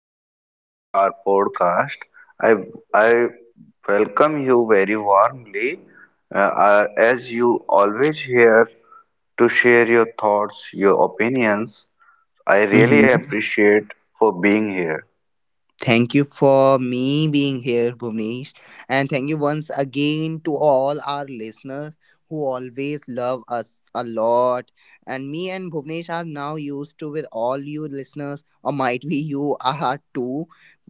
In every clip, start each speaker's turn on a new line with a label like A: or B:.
A: episode of our podcast. I I welcome you very warmly, uh, as you always here to share your thoughts, your opinions. I really
B: Mhm.
A: appreciate for being here.
B: Thank you for me being here, Bhuvnesh. And thank you once again to all our listeners who always love us a lot. And me and Bhuvnesh are now used to with all you listeners, or might be you are too,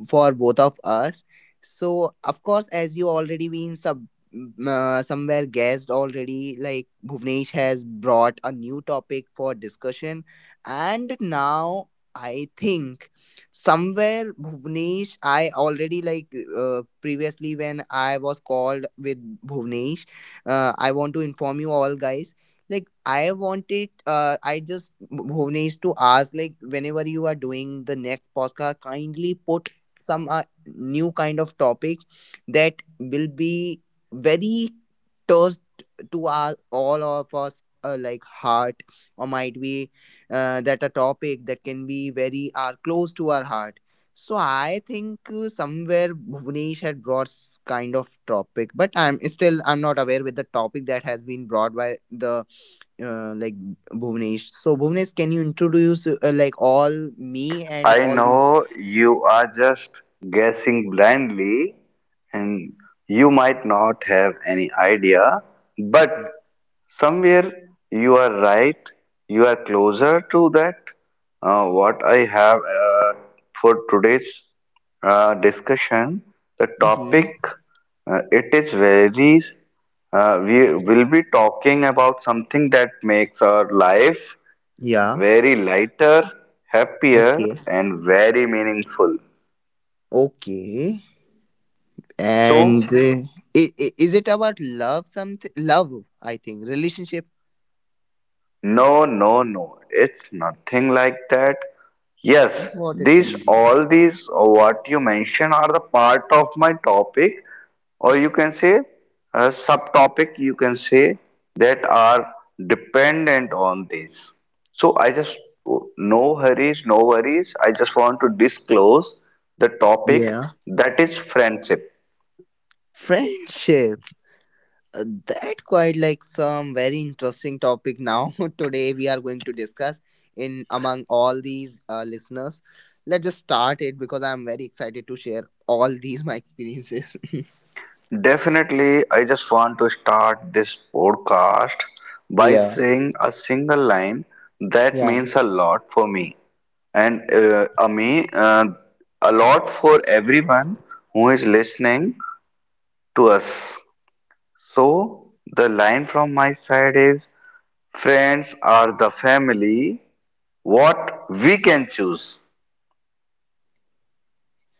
B: for both of us. So, of course, as you already been somewhere guessed already, like Bhuvnesh has brought a new topic for discussion. And now I think somewhere bhuvnesh I already like previously when I was called with bhuvnesh I want to inform you all guys like I wanted I just bhuvnesh to ask like whenever you are doing the next podcast kindly put some new kind of topic that will be very touched to our all of us like heart or might be that a topic that can be very are close to our heart. So I think somewhere Bhuvnesh had brought kind of topic, but I'm still I'm not aware with the topic that has been brought by the uh, like Bhuvnesh. So Bhuvnesh, can you introduce like all me and
A: I
B: all these?
A: know you are just guessing blindly and you might not have any idea, but somewhere you are right. You are closer to that. What I have for today's discussion, the topic,
B: Mm-hmm.
A: it is we will be talking about something that makes our life
B: Yeah.
A: very lighter,
B: Okay.
A: happier, and very meaningful.
B: Okay. And
A: So,
B: is it about love? Something love? I think relationship.
A: no, no, no, it's nothing like that. Yes,
B: What it
A: these
B: can be.
A: all these what you mentioned are the part of my topic, or you can say a subtopic, you can say that are dependent on this. So, I just no hurries, no worries. I just want to disclose the topic
B: Yeah.
A: that is friendship.
B: Friendship. That quite like some very interesting topic now. Today we are going to discuss in among all these listeners. Let's just start it because I'm very excited to share all these my experiences.
A: Definitely, I just want to start this podcast by
B: Yeah.
A: saying a single line that
B: Yeah.
A: means a lot for me and a lot for everyone who is listening to us. So the line from my side is friends are the family what we can choose.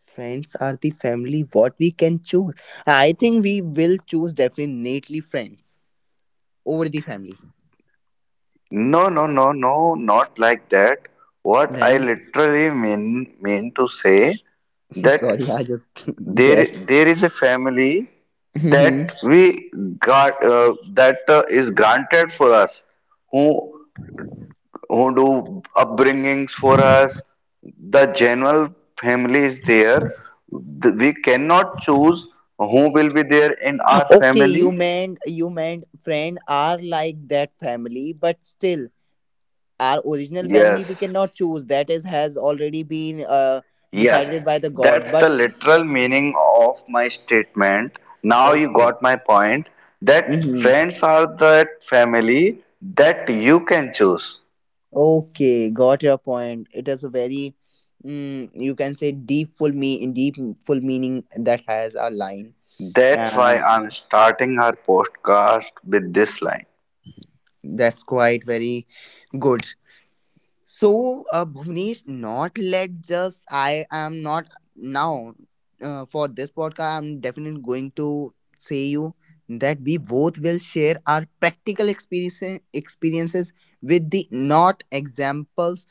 B: Friends are the family what we can choose. I think we will choose definitely friends over the family.
A: No, no, no, no, not like that. What I
B: Then
A: literally mean to say that
B: sorry, I just
A: there
B: guessed.
A: there is a family that we got that is granted for us who who do upbringings for us the general family is there. We cannot choose who will be there in our
B: Okay,
A: family.
B: you meant friend are like that family, but still our original family we
A: Yes,
B: cannot choose. That is has already been
A: yes,
B: decided by the God.
A: that's the
B: But
A: literal meaning of my statement. Now you
B: okay,
A: got my point that
B: hmm
A: friends are that family that you can choose.
B: okay, got your point. It is a very you can say deep full meaning that has a line,
A: That's why
B: and
A: I'm starting our podcast with this line.
B: that's quite very good. So, Bhuvnesh, not let just I am not now for this podcast. I'm definitely going to say you that we both will share our practical experiences with the not examples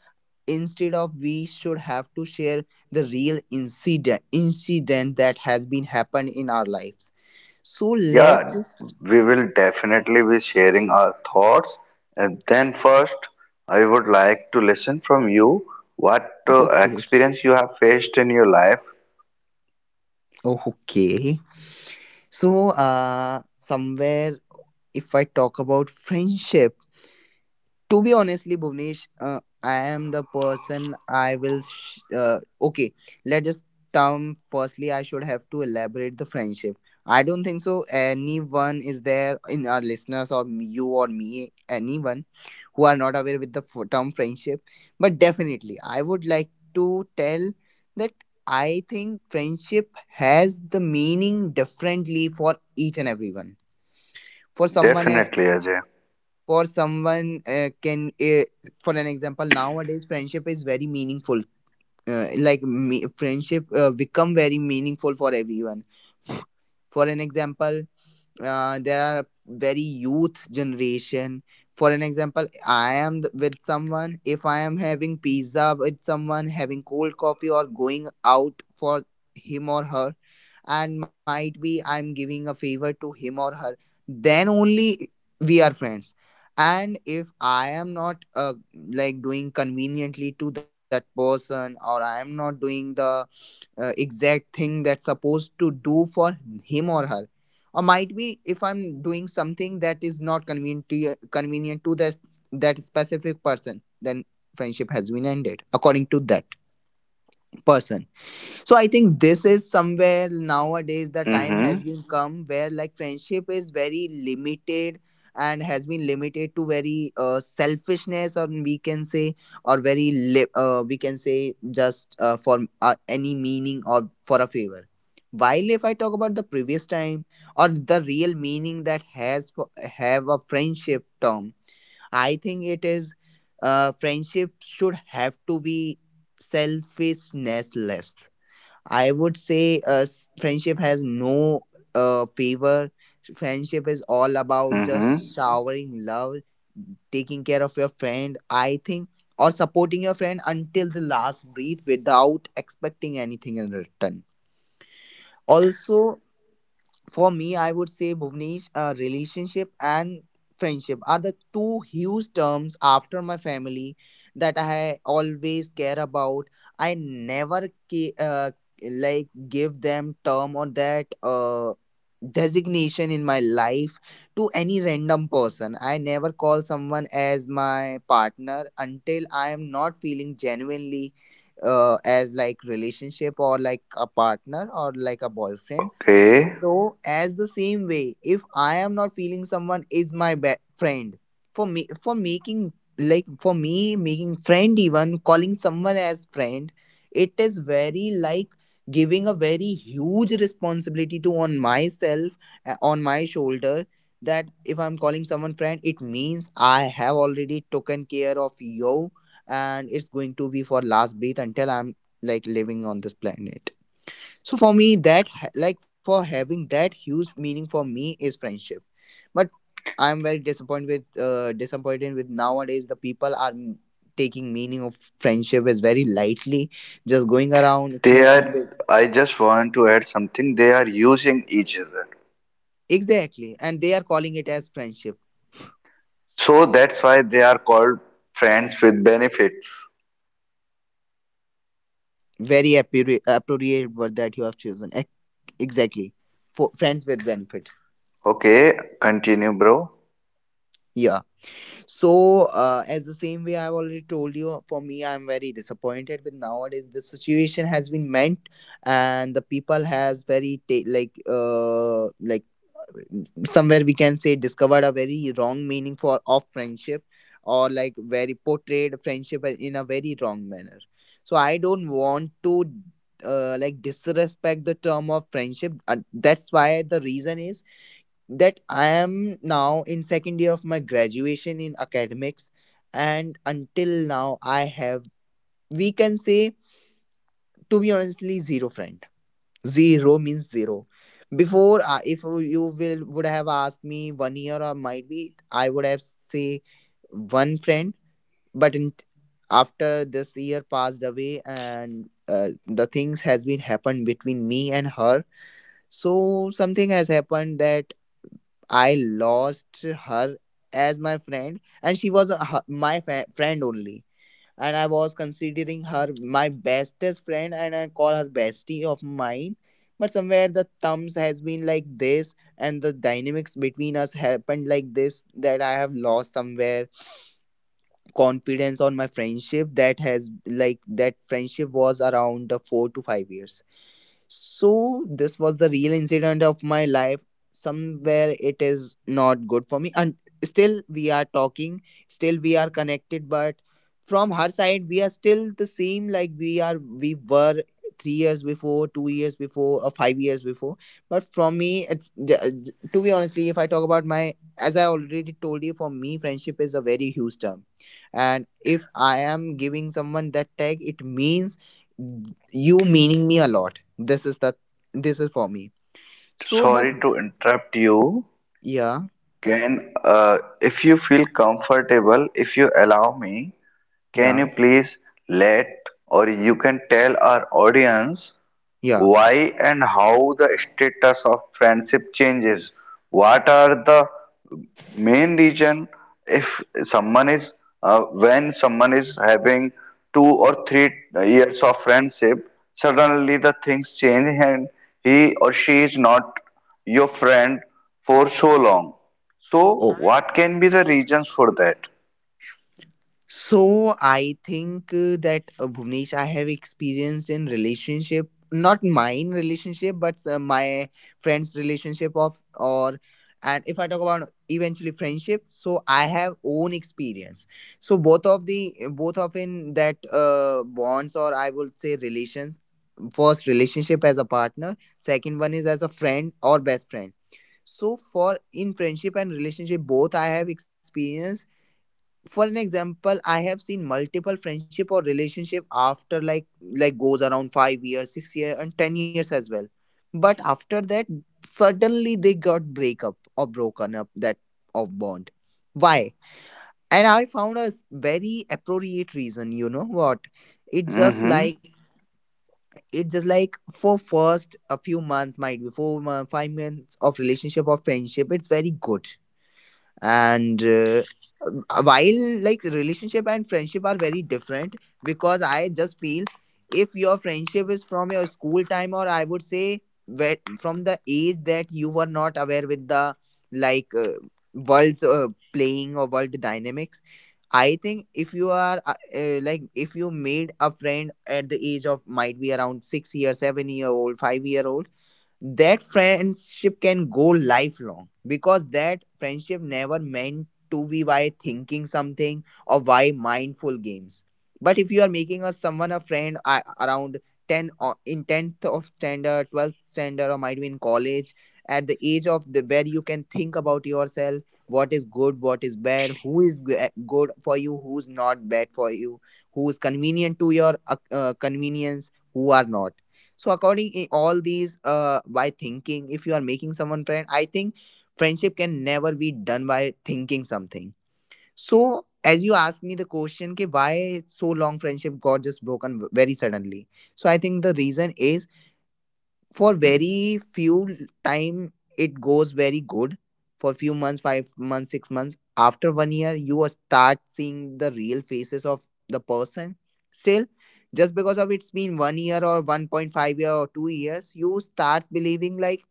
B: instead of we should have to share the real incident that has been happened in our lives. So let's
A: Yeah,
B: just
A: we will definitely be sharing our thoughts. And then, first, I would like to listen from you what
B: okay
A: experience you have faced in your life.
B: okay. So somewhere if I talk about friendship, to be honestly, Bhuvnesh, I am the person I will. Okay, let us term. Firstly, I should have to elaborate the friendship. I don't think so. Anyone is there in our listeners or you or me, anyone who are not aware with the term friendship. But definitely, I would like to tell that I think friendship has the meaning differently for each and everyone for someone
A: Definitely, Ajay.
B: for someone can for an example nowadays friendship is very meaningful like me, friendship become very meaningful for everyone for an example there are very youth generation for an example with someone if I am having pizza with someone having cold coffee or going out for him or her and might be I'm giving a favor to him or her then only we are friends and if I am not like doing conveniently to that person or I am not doing the exact thing that's supposed to do for him or her or might be if I'm doing something that is not convenient to that that specific person then friendship has been ended according to that person. So I think this is somewhere nowadays the time has
A: Mm-hmm.
B: been come where like friendship is very limited and has been limited to very selfishness or we can say or very we can say just for any meaning or for a favor while if I talk about the previous time or the real meaning that has for, have a friendship term I think it is friendship should have to be selfishness less. I would say friendship has no favor. Friendship is all about just
A: Mm-hmm.
B: showering love, taking care of your friend, I think, or supporting your friend until the last breath without expecting anything in return. Also, for me, I would say Bhuvnesh, relationship and friendship are the two huge terms after my family that I always care about. I never ca- like give them term or that designation in my life to any random person. I never call someone as my partner until I am not feeling genuinely as like relationship or like a partner or like a boyfriend.
A: Okay.
B: So, as the same way, if I am not feeling someone is my friend, for me, for making like for me making friend even calling someone as friend, it is very like giving a very huge responsibility to on myself on my shoulder that if I'm calling someone friend it means I have already taken care of you and it's going to be for last breath until I'm like living on this planet. So for me, like for having that huge meaning for me is friendship. But I'm very disappointed with nowadays the people are taking meaning of friendship is very lightly, just going around
A: They
B: smoking with
A: are, I just want to add something. They are using each other.
B: exactly, and they are calling it as friendship.
A: So that's why they are called friends with benefits.
B: Very appropriate word that you have chosen. Exactly, for friends with benefit.
A: Okay, continue, bro.
B: Yeah. So, as the same way I've already told you, for me, I'm very disappointed with nowadays. The situation has been meant, and the people has very like somewhere we can say discovered a very wrong meaning for of friendship or like very portrayed friendship in a very wrong manner. So I don't want to like disrespect the term of friendship. That's why the reason is that I am now in second year of my graduation in academics, and until now I have we can say to be honestly zero friend. Zero means zero. Before, if you will would have asked me one year or might be, I would have say one friend. But in, after this year passed away and the things has been happened between me and her, so something has happened that I lost her as my friend, and she was a, her- my fa- friend only. And I was considering her my bestest friend, and I call her bestie of mine. But somewhere the terms has been like this, and the dynamics between us happened like this that I have lost somewhere confidence on my friendship that has like that friendship was around the 4 to 5 years. So this was the real incident of my life. Somewhere it is not good for me, and still we are talking, still we are connected. But from her side, we are still the same like we were 3 years before, 2 years before, or 5 years before. But from me, to be honestly, if I talk about my, as I already told you, for me, friendship is a very huge term, and if I am giving someone that tag, it means you meaning me a lot. This is the this is for me so that
A: Sorry to interrupt you.
B: yeah
A: Can, if you feel comfortable, if you allow me, can
B: yeah
A: you please let or you can tell our audience
B: yeah
A: why and how the status of friendship changes? What are the main reason if someone is when someone is having 2 or 3 years of friendship, suddenly the things change and he or she is not your friend for so long. So,
B: oh.
A: what can be the reasons for that?
B: So I think that Bhuvnesh, I have experienced in relationship, not mine relationship, but my friends' relationship of or and if I talk about eventually friendship, so I have own experience. So both of in that bonds or I would say relations. First relationship as a partner, second one is as a friend or best friend. So for in friendship and relationship both I have experienced. For an example, I have seen multiple friendship or relationship after like goes around 5 years 6 years and 10 years as well, but after that suddenly they got break up or broken up that of bond. Why? And I found a s- very appropriate reason, you know what? It's just
A: Hmm
B: like it's just like for first a few months might be 4 months 5 months of relationship or friendship, it's very good. And while like relationship and friendship are very different, because I just feel if your friendship is from your school time, or I would say from the age that you were not aware with the like uh, world's playing or world dynamics. I think if you are like if you made a friend at the age of might be around 6 year 7-year-old 5-year old, that friendship can go lifelong, because that friendship never meant to be by thinking something or by mindful games. But if you are making a someone a friend around 10, or in 10th of standard, 12th standard, or might be in college, at the age of the where you can think about yourself what is good, what is bad, who is good for you, who's not bad for you, who's convenient to your convenience, who are not. So according in all these by thinking, if you are making someone friend, I think friendship can never be done by thinking something. So as you asked me the question ki why so long friendship got just broken very suddenly, so I think the reason is for
A: Mm-hmm.
B: very few time it goes very good. For few months 5 months 6 months, after 1 year you will start seeing the real faces of the person. Still, just because of it's been 1 year or 1.5 year or 2 years, you start believing like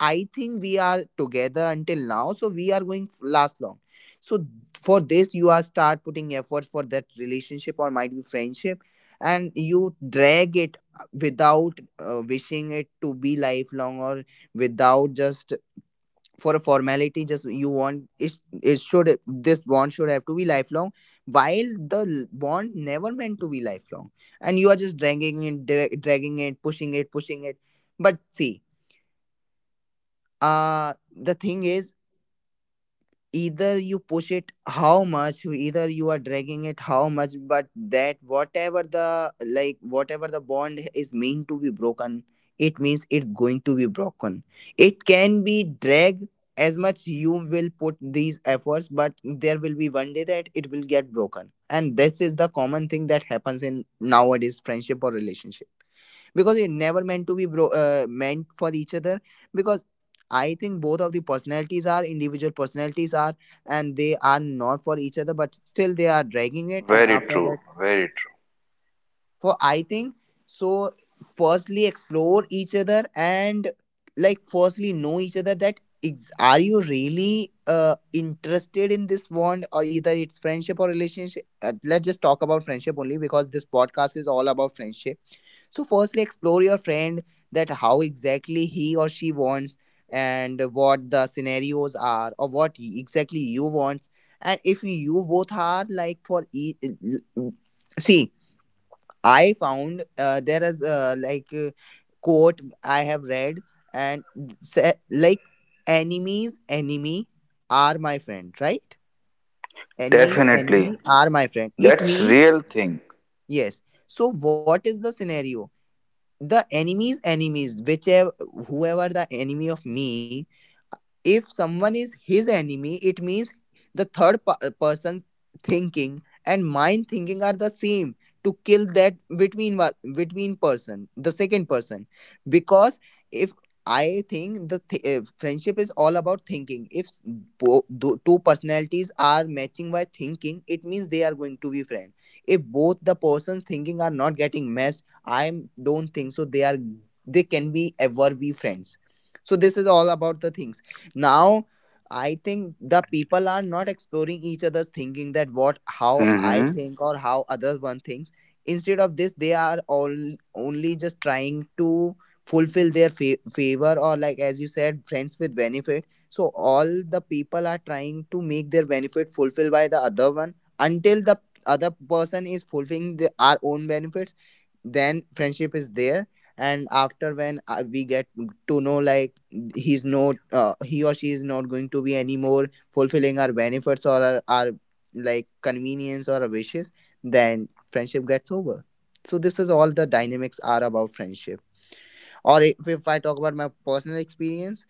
B: I think we are together until now, so we are going last long. So for this, you are start putting effort for that relationship or might be friendship, and you drag it without wishing it to be lifelong, or without just for a formality. Just you want it. It should this bond should have to be lifelong, while the bond never meant to be lifelong, and you are just dragging it, dragging it, pushing it, pushing it. But see, uh the thing is either you push it how much, either you are dragging it how much, but that whatever the like whatever the bond is meant to be broken, it means it's going to be broken. It can be dragged as much you will put these efforts, but there will be one day that it will get broken. And this is the common thing that happens in nowadays friendship or relationship, because it never meant to be bro meant for each other, because I think both of the personalities are individual personalities are, and they are not for each other, but still they are dragging it. And
A: Very
B: after
A: true.
B: that,
A: Very true.
B: for I think, so firstly explore each other, and like firstly know each other that are you really interested in this bond, or either it's friendship or relationship. Let's just talk about friendship only because this podcast is all about friendship. So, firstly, explore your friend, that how exactly he or she wants, and what the scenarios are, or what exactly you want. And if you both are like for see, I found there is quote I have read, and like enemies enemy are my friend, right? Enemies
A: Definitely.
B: enemy are my friend. It
A: That's
B: means
A: real thing.
B: yes. So what is the scenario? The enemy's enemies whichever, whoever the enemy of me, if someone is his enemy, it means the third person's thinking and mine thinking are the same to kill that between between person, the second person. Because if I think the friendship is all about thinking. If two personalities are matching by thinking, it means they are going to be friends. If both the persons thinking are not getting matched, I don't think so. They are they can be ever be friends. So this is all about the things. Now I think the people are not exploring each other's thinking, that what how I
A: Mm-hmm.
B: think or how other one thinks. Instead of this, they are all only just trying to fulfill their favor, or like as you said friends with benefit. So all the people are trying to make their benefit fulfilled by the other one until the other person is fulfilling the, our own benefits, then friendship is there. And after when we get to know like he's not he or she is not going to be anymore fulfilling our benefits or our like convenience or our wishes, then friendship gets over. So this is all the dynamics are about friendship. Or if I talk about my personal experience,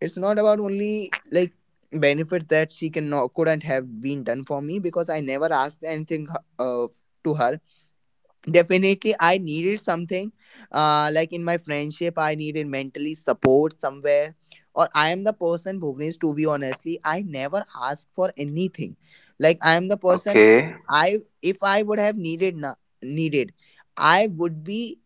B: it's not about only like benefit that she can not couldn't have been done for me because I never asked anything uh, to her. Definitely, I needed something. Like in my friendship, I needed mentally support somewhere. Or I am the person, Bhuvnesh, to be honestly, I never ask for anything. Like I am the person,
A: Okay,
B: I if I would have needed needed, I would be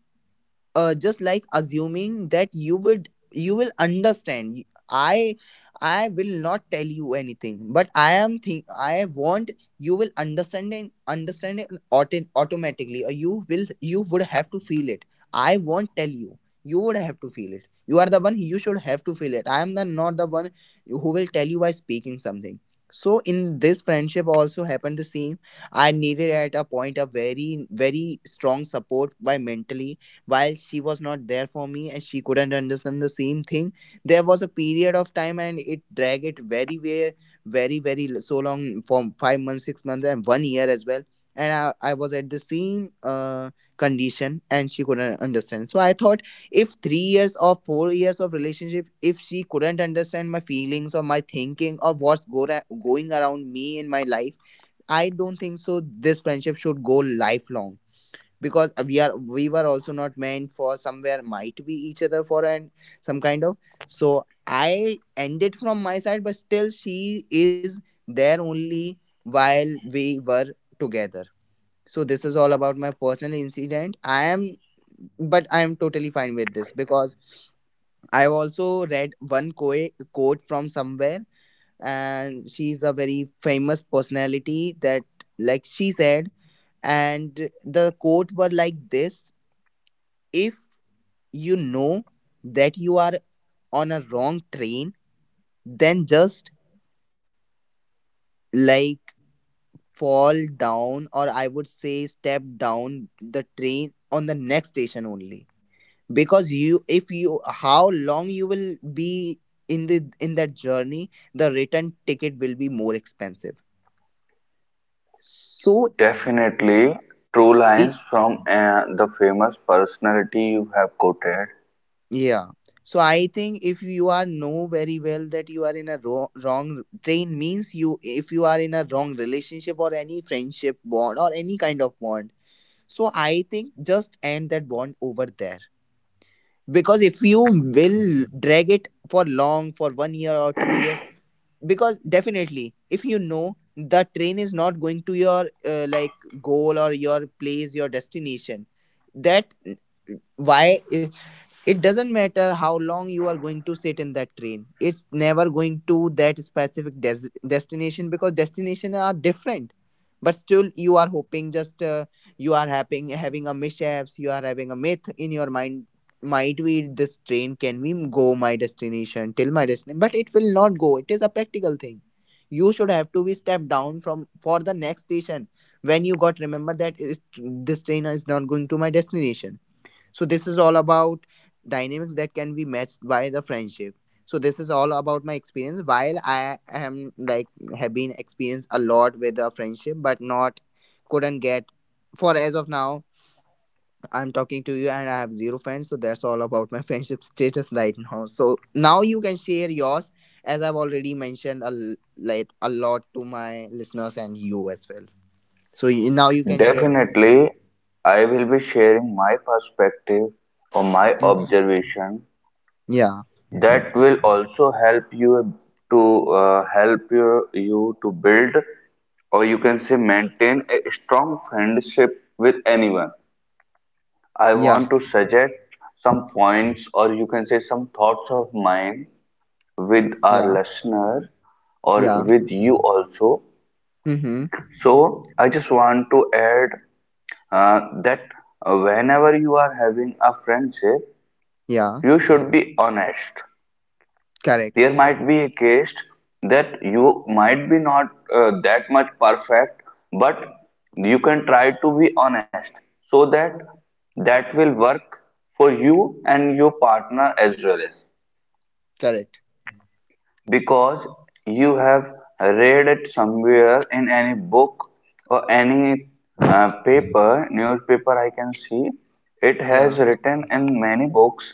B: just like assuming that you would you will understand I will not tell you anything, but I am think I want you will understand and understand it automatically, or you will you would have to feel it. I won't tell you. You would have to feel it. You are the one, you should have to feel it. I am the not the one who will tell you by speaking something. So in this friendship also happened the same. I needed at a point a very strong support by mentally, while she was not there for me, and she couldn't understand the same thing. There was a period of time, and it dragged it very very very very so long for 5 months 6 months and 1 year as well. And I was at the same condition, and she couldn't understand. So I thought, if 3 years or 4 years of relationship, if she couldn't understand my feelings or my thinking or what's going around me in my life, I don't think so this friendship should go lifelong. Because we are we were also not meant for somewhere might be each other for and some kind of. So I ended from my side, but still she is there only, while we were together. So this is all about my personal incident. I am, but I am totally fine with this, because I also read one quote from somewhere, and she's a very famous personality. That, like she said, and the quote were like this. If you know that you are on a wrong train, then just like fall down, or I would say step down the train on the next station only. Because you, if you, how long you will be in the in that journey, the return ticket will be more expensive. So
A: definitely true
B: it.
A: lines from the famous personality you have quoted.
B: Yeah. So I think if you are know very well that you are in a wrong train, means you if you are in a wrong relationship, or any friendship bond or any kind of bond. So I think just end that bond over there. Because if you will drag it for long, for 1 year or 2 years, because definitely if you know the train is not going to your like goal or your place, your destination, that why eh, it doesn't matter how long you are going to sit in that train, it's never going to that specific destination, because destinations are different. But still you are hoping just you are having a mishaps, you are having a myth in your mind, might we this train can we go my destination till my destination, but it will not go. It is a practical thing. You should have to be stepped down from for the next station, when you got remember that is, this train is not going to my destination. So this is all about dynamics that can be matched by the friendship. So this is all about my experience. While I am like have been experienced a lot with the friendship, but not couldn't get for as of now. I'm talking to you and I have zero friends, so that's all about my friendship status right now. So now you can share yours, as I've already mentioned like a lot to my listeners and you as well. So now you can share. Too.
A: Definitely, I will be sharing my perspective or my
B: Mhm.
A: observation
B: Yeah,
A: that will also help you to help you to build or you can say maintain a strong friendship with anyone. I want
B: yeah,
A: to suggest some points or you can say some thoughts of mine with our
B: yeah,
A: listener or
B: yeah.
A: with you also.
B: Mm-hmm.
A: So I just want to add that whenever you are having a friendship,
B: Yeah.
A: you should be honest.
B: Correct.
A: There might be a case that you might be not that much perfect, but you can try to be honest so that that will work for you and your partner as well. As.
B: Correct.
A: Because you have read it somewhere in any book or any paper, newspaper I can see. It has
B: Yeah.
A: written in many books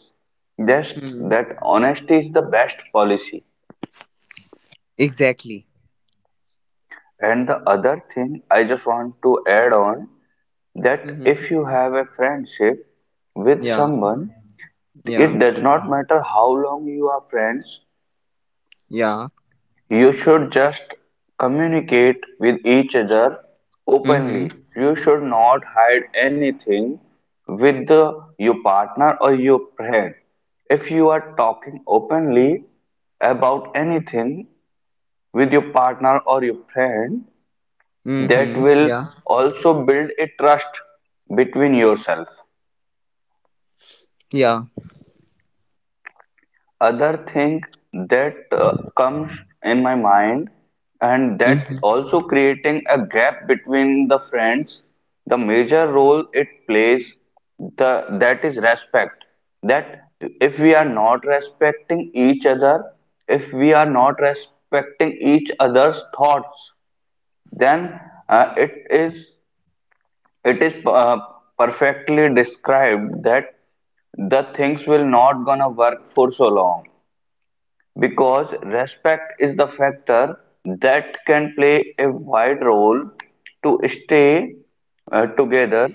A: just
B: Hmm.
A: that honesty is the best policy.
B: Exactly.
A: And the other thing I just want to add on that
B: Hmm.
A: if you have a friendship with
B: Yeah.
A: someone,
B: Yeah.
A: it does not matter how long you are friends.
B: Yeah.
A: You should just communicate with each other
B: Hmm.
A: openly. You should not hide anything with your partner or your friend. If you are talking openly about anything with your partner or your friend, that
B: Hmm.
A: will
B: Yeah.
A: also build a trust between yourself.
B: Yeah.
A: Other thing that comes in my mind and that
B: Hmm.
A: also creating a gap between the friends, the major role it plays, the that is respect. That if we are not respecting each other, if we are not respecting each other's thoughts, then uh, it is it is perfectly described that the things will not gonna work for so long, because respect is the factor that can play a wide role to stay together.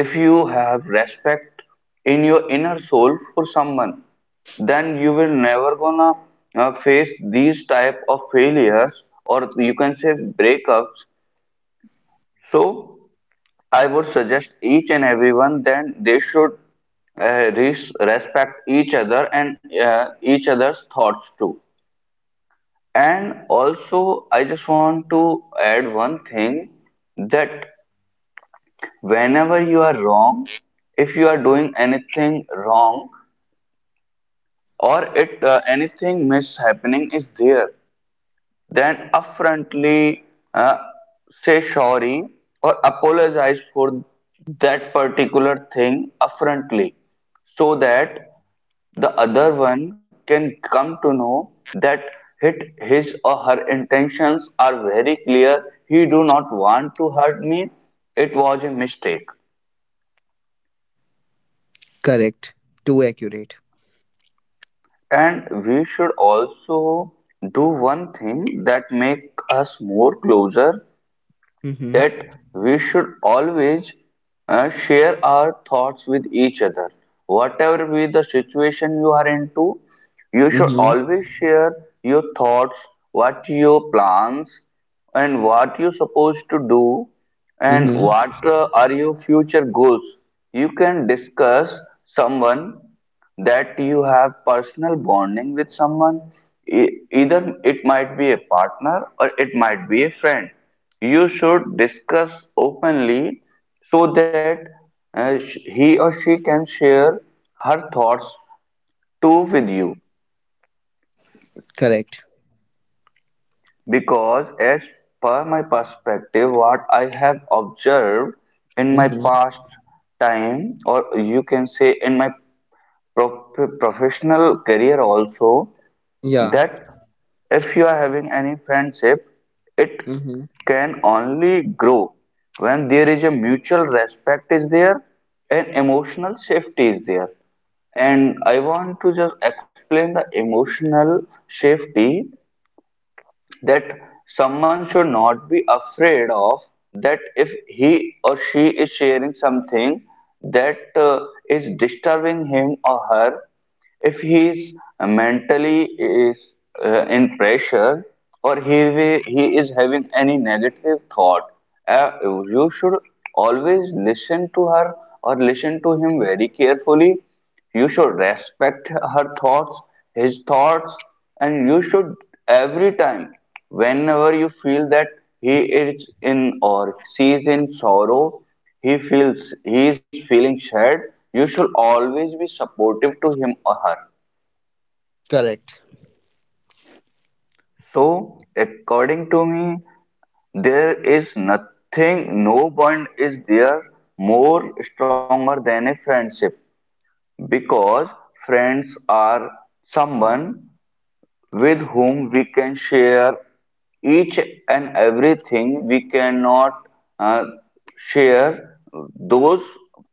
A: If you have respect in your inner soul for someone, then you will never gonna face these type of failures, or you can say breakups. So I would suggest each and everyone that they should respect each other, and each other's thoughts too. And also, I just want to add one thing, that whenever you are wrong, if you are doing anything wrong or it anything mishappening is there, then upfrontly uh, say sorry or apologize for that particular thing upfrontly, so that the other one can come to know that hit his or her intentions are very clear. He do not want to hurt me. It was a mistake.
B: Correct. Too accurate.
A: And we should also do one thing that make us more closer,
B: Hmm.
A: that we should always share our thoughts with each other. Whatever be the situation you are into, you should
B: Hmm.
A: always share your thoughts, what your plans, and what you supposed to do, and
B: Hmm.
A: what are your future goals. You can discuss someone that you have personal bonding with someone. Either it might be a partner or it might be a friend, you should discuss openly so that he or she can share her thoughts too with you.
B: Correct.
A: Because as per my perspective what I have observed in my
B: Hmm.
A: past time or you can say in my prof- professional career also,
B: Yeah.
A: that if you are having any friendship, it
B: Hmm.
A: can only grow when there is a mutual respect is there and emotional safety is there. And I want to just explain the emotional safety, that someone should not be afraid of that if he or she is sharing something that is disturbing him or her, if he is mentally is in pressure, or he is having any negative thought, you should always listen to her or listen to him very carefully. You should respect her thoughts, his thoughts, and you should every time, whenever you feel that he is in or she is in sorrow, he feels he is feeling sad, you should always be supportive to him or her.
B: Correct.
A: So, according to me, there is nothing, no bond is there more stronger than a friendship, because friends are someone with whom we can share each and everything. We cannot uh, share those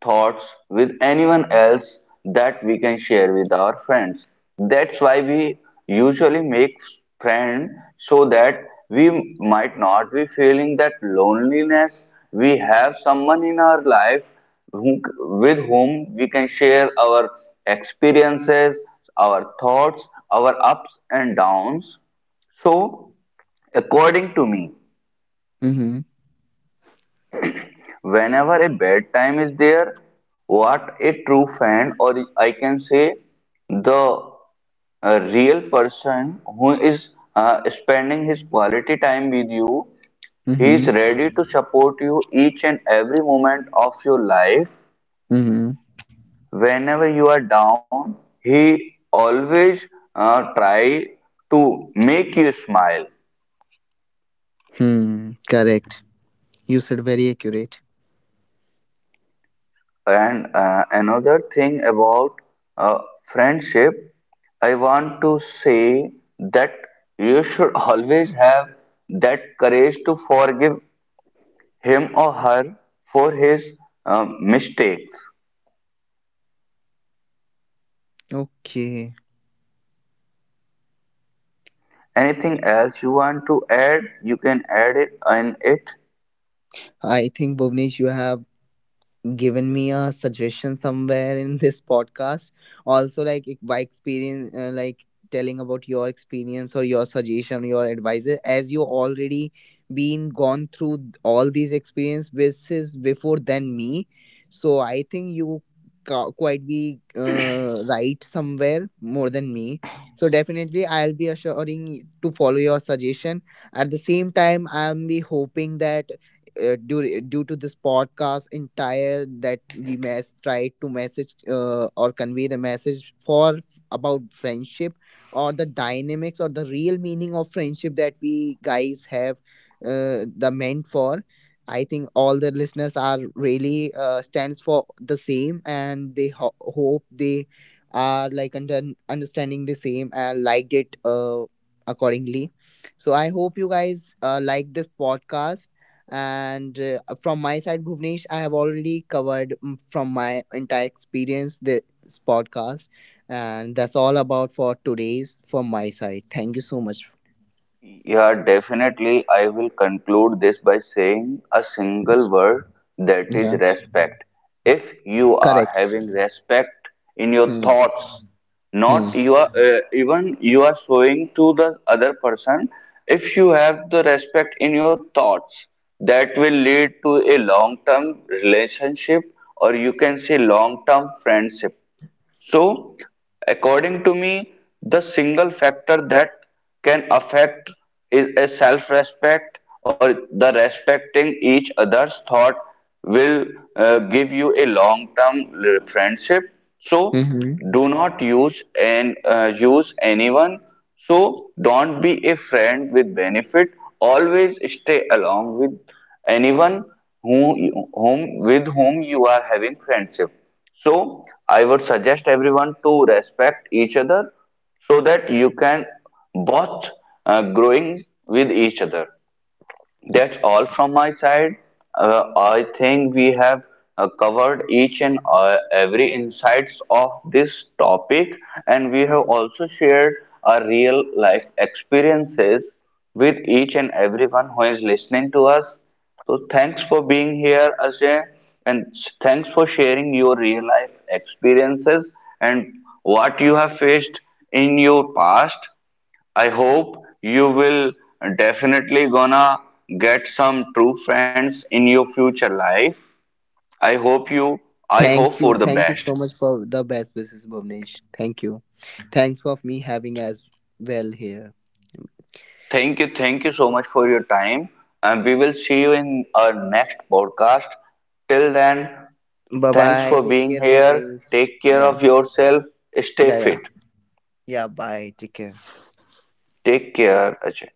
A: thoughts with anyone else that we can share with our friends. That's why we usually make friends so that we might not be feeling that loneliness. We have someone in our life who, with whom we can share our experiences, our thoughts, our ups and downs. So, according to me,
B: Hmm.
A: whenever a bad time is there, what a true fan, or I can say the real person who is spending his quality time with you, he
B: Hmm.
A: is ready to support you each and every moment of your life.
B: Hmm.
A: Whenever you are down, he always try to make you smile.
B: Hmm. Correct. You said very accurate.
A: And another thing about uh, friendship, I want to say that you should always have that courage to forgive him or her for his mistakes.
B: Okay.
A: Anything else you want to add, you can add it in it.
B: I think Bhuvnesh, you have given me a suggestion somewhere in this podcast also, like by experience like telling about your experience or your suggestion your advice, as you already been gone through all these experiences before than me. So I think you quite be right somewhere more than me. So definitely I'll be assuring to follow your suggestion. At the same time, I'm be hoping that due to this podcast entire that we mess try to message or convey the message for about friendship, or the dynamics or the real meaning of friendship that we guys have the meant for. I think all the listeners are really stands for the same, and they hope they are like understanding the same and liked it accordingly. So I hope you guys like this podcast. And from my side Bhuvnesh, I have already covered from my entire experience this podcast. And that's all about for today's from my side. Thank you so much.
A: Yeah, definitely. I will conclude this by saying a single word that is
B: Yeah.
A: respect. If you are
B: Correct.
A: having respect in your
B: Hmm.
A: thoughts,
B: Hmm.
A: not you are even you are showing to the other person. If you have the respect in your thoughts, that will lead to a long-term relationship, or you can say long-term friendship. So, according to me, the single factor that can affect is a self respect or the respecting each other's thought will give you a long term friendship. So,
B: Hmm.
A: do not use and use anyone. So, don't be a friend with benefit. Always stay along with anyone who, whom with whom you are having friendship. So I would suggest everyone to respect each other so that you can both growing with each other. That's all from my side. I think we have covered each and every insights of this topic, and we have also shared our real life experiences with each and everyone who is listening to us. So thanks for being here, Ajay, and thanks for sharing your real life experiences and what you have faced in your past. I hope you will definitely gonna get some true friends in your future life. I hope you I hope
B: Thank you,
A: for the
B: thank you
A: best.
B: so much for the best wishes Bhuvnesh, thank you. Thanks for me having as well here.
A: Thank you so much for your time. And we will see you in our next podcast. Till then,
B: Bye
A: thanks
B: bye,
A: for
B: take
A: being
B: care
A: here.
B: Bhuvnesh.
A: Take care
B: Yeah,
A: of yourself. Stay
B: yeah, yeah,
A: fit.
B: yeah. Bye, take care.
A: Take care, Ajay.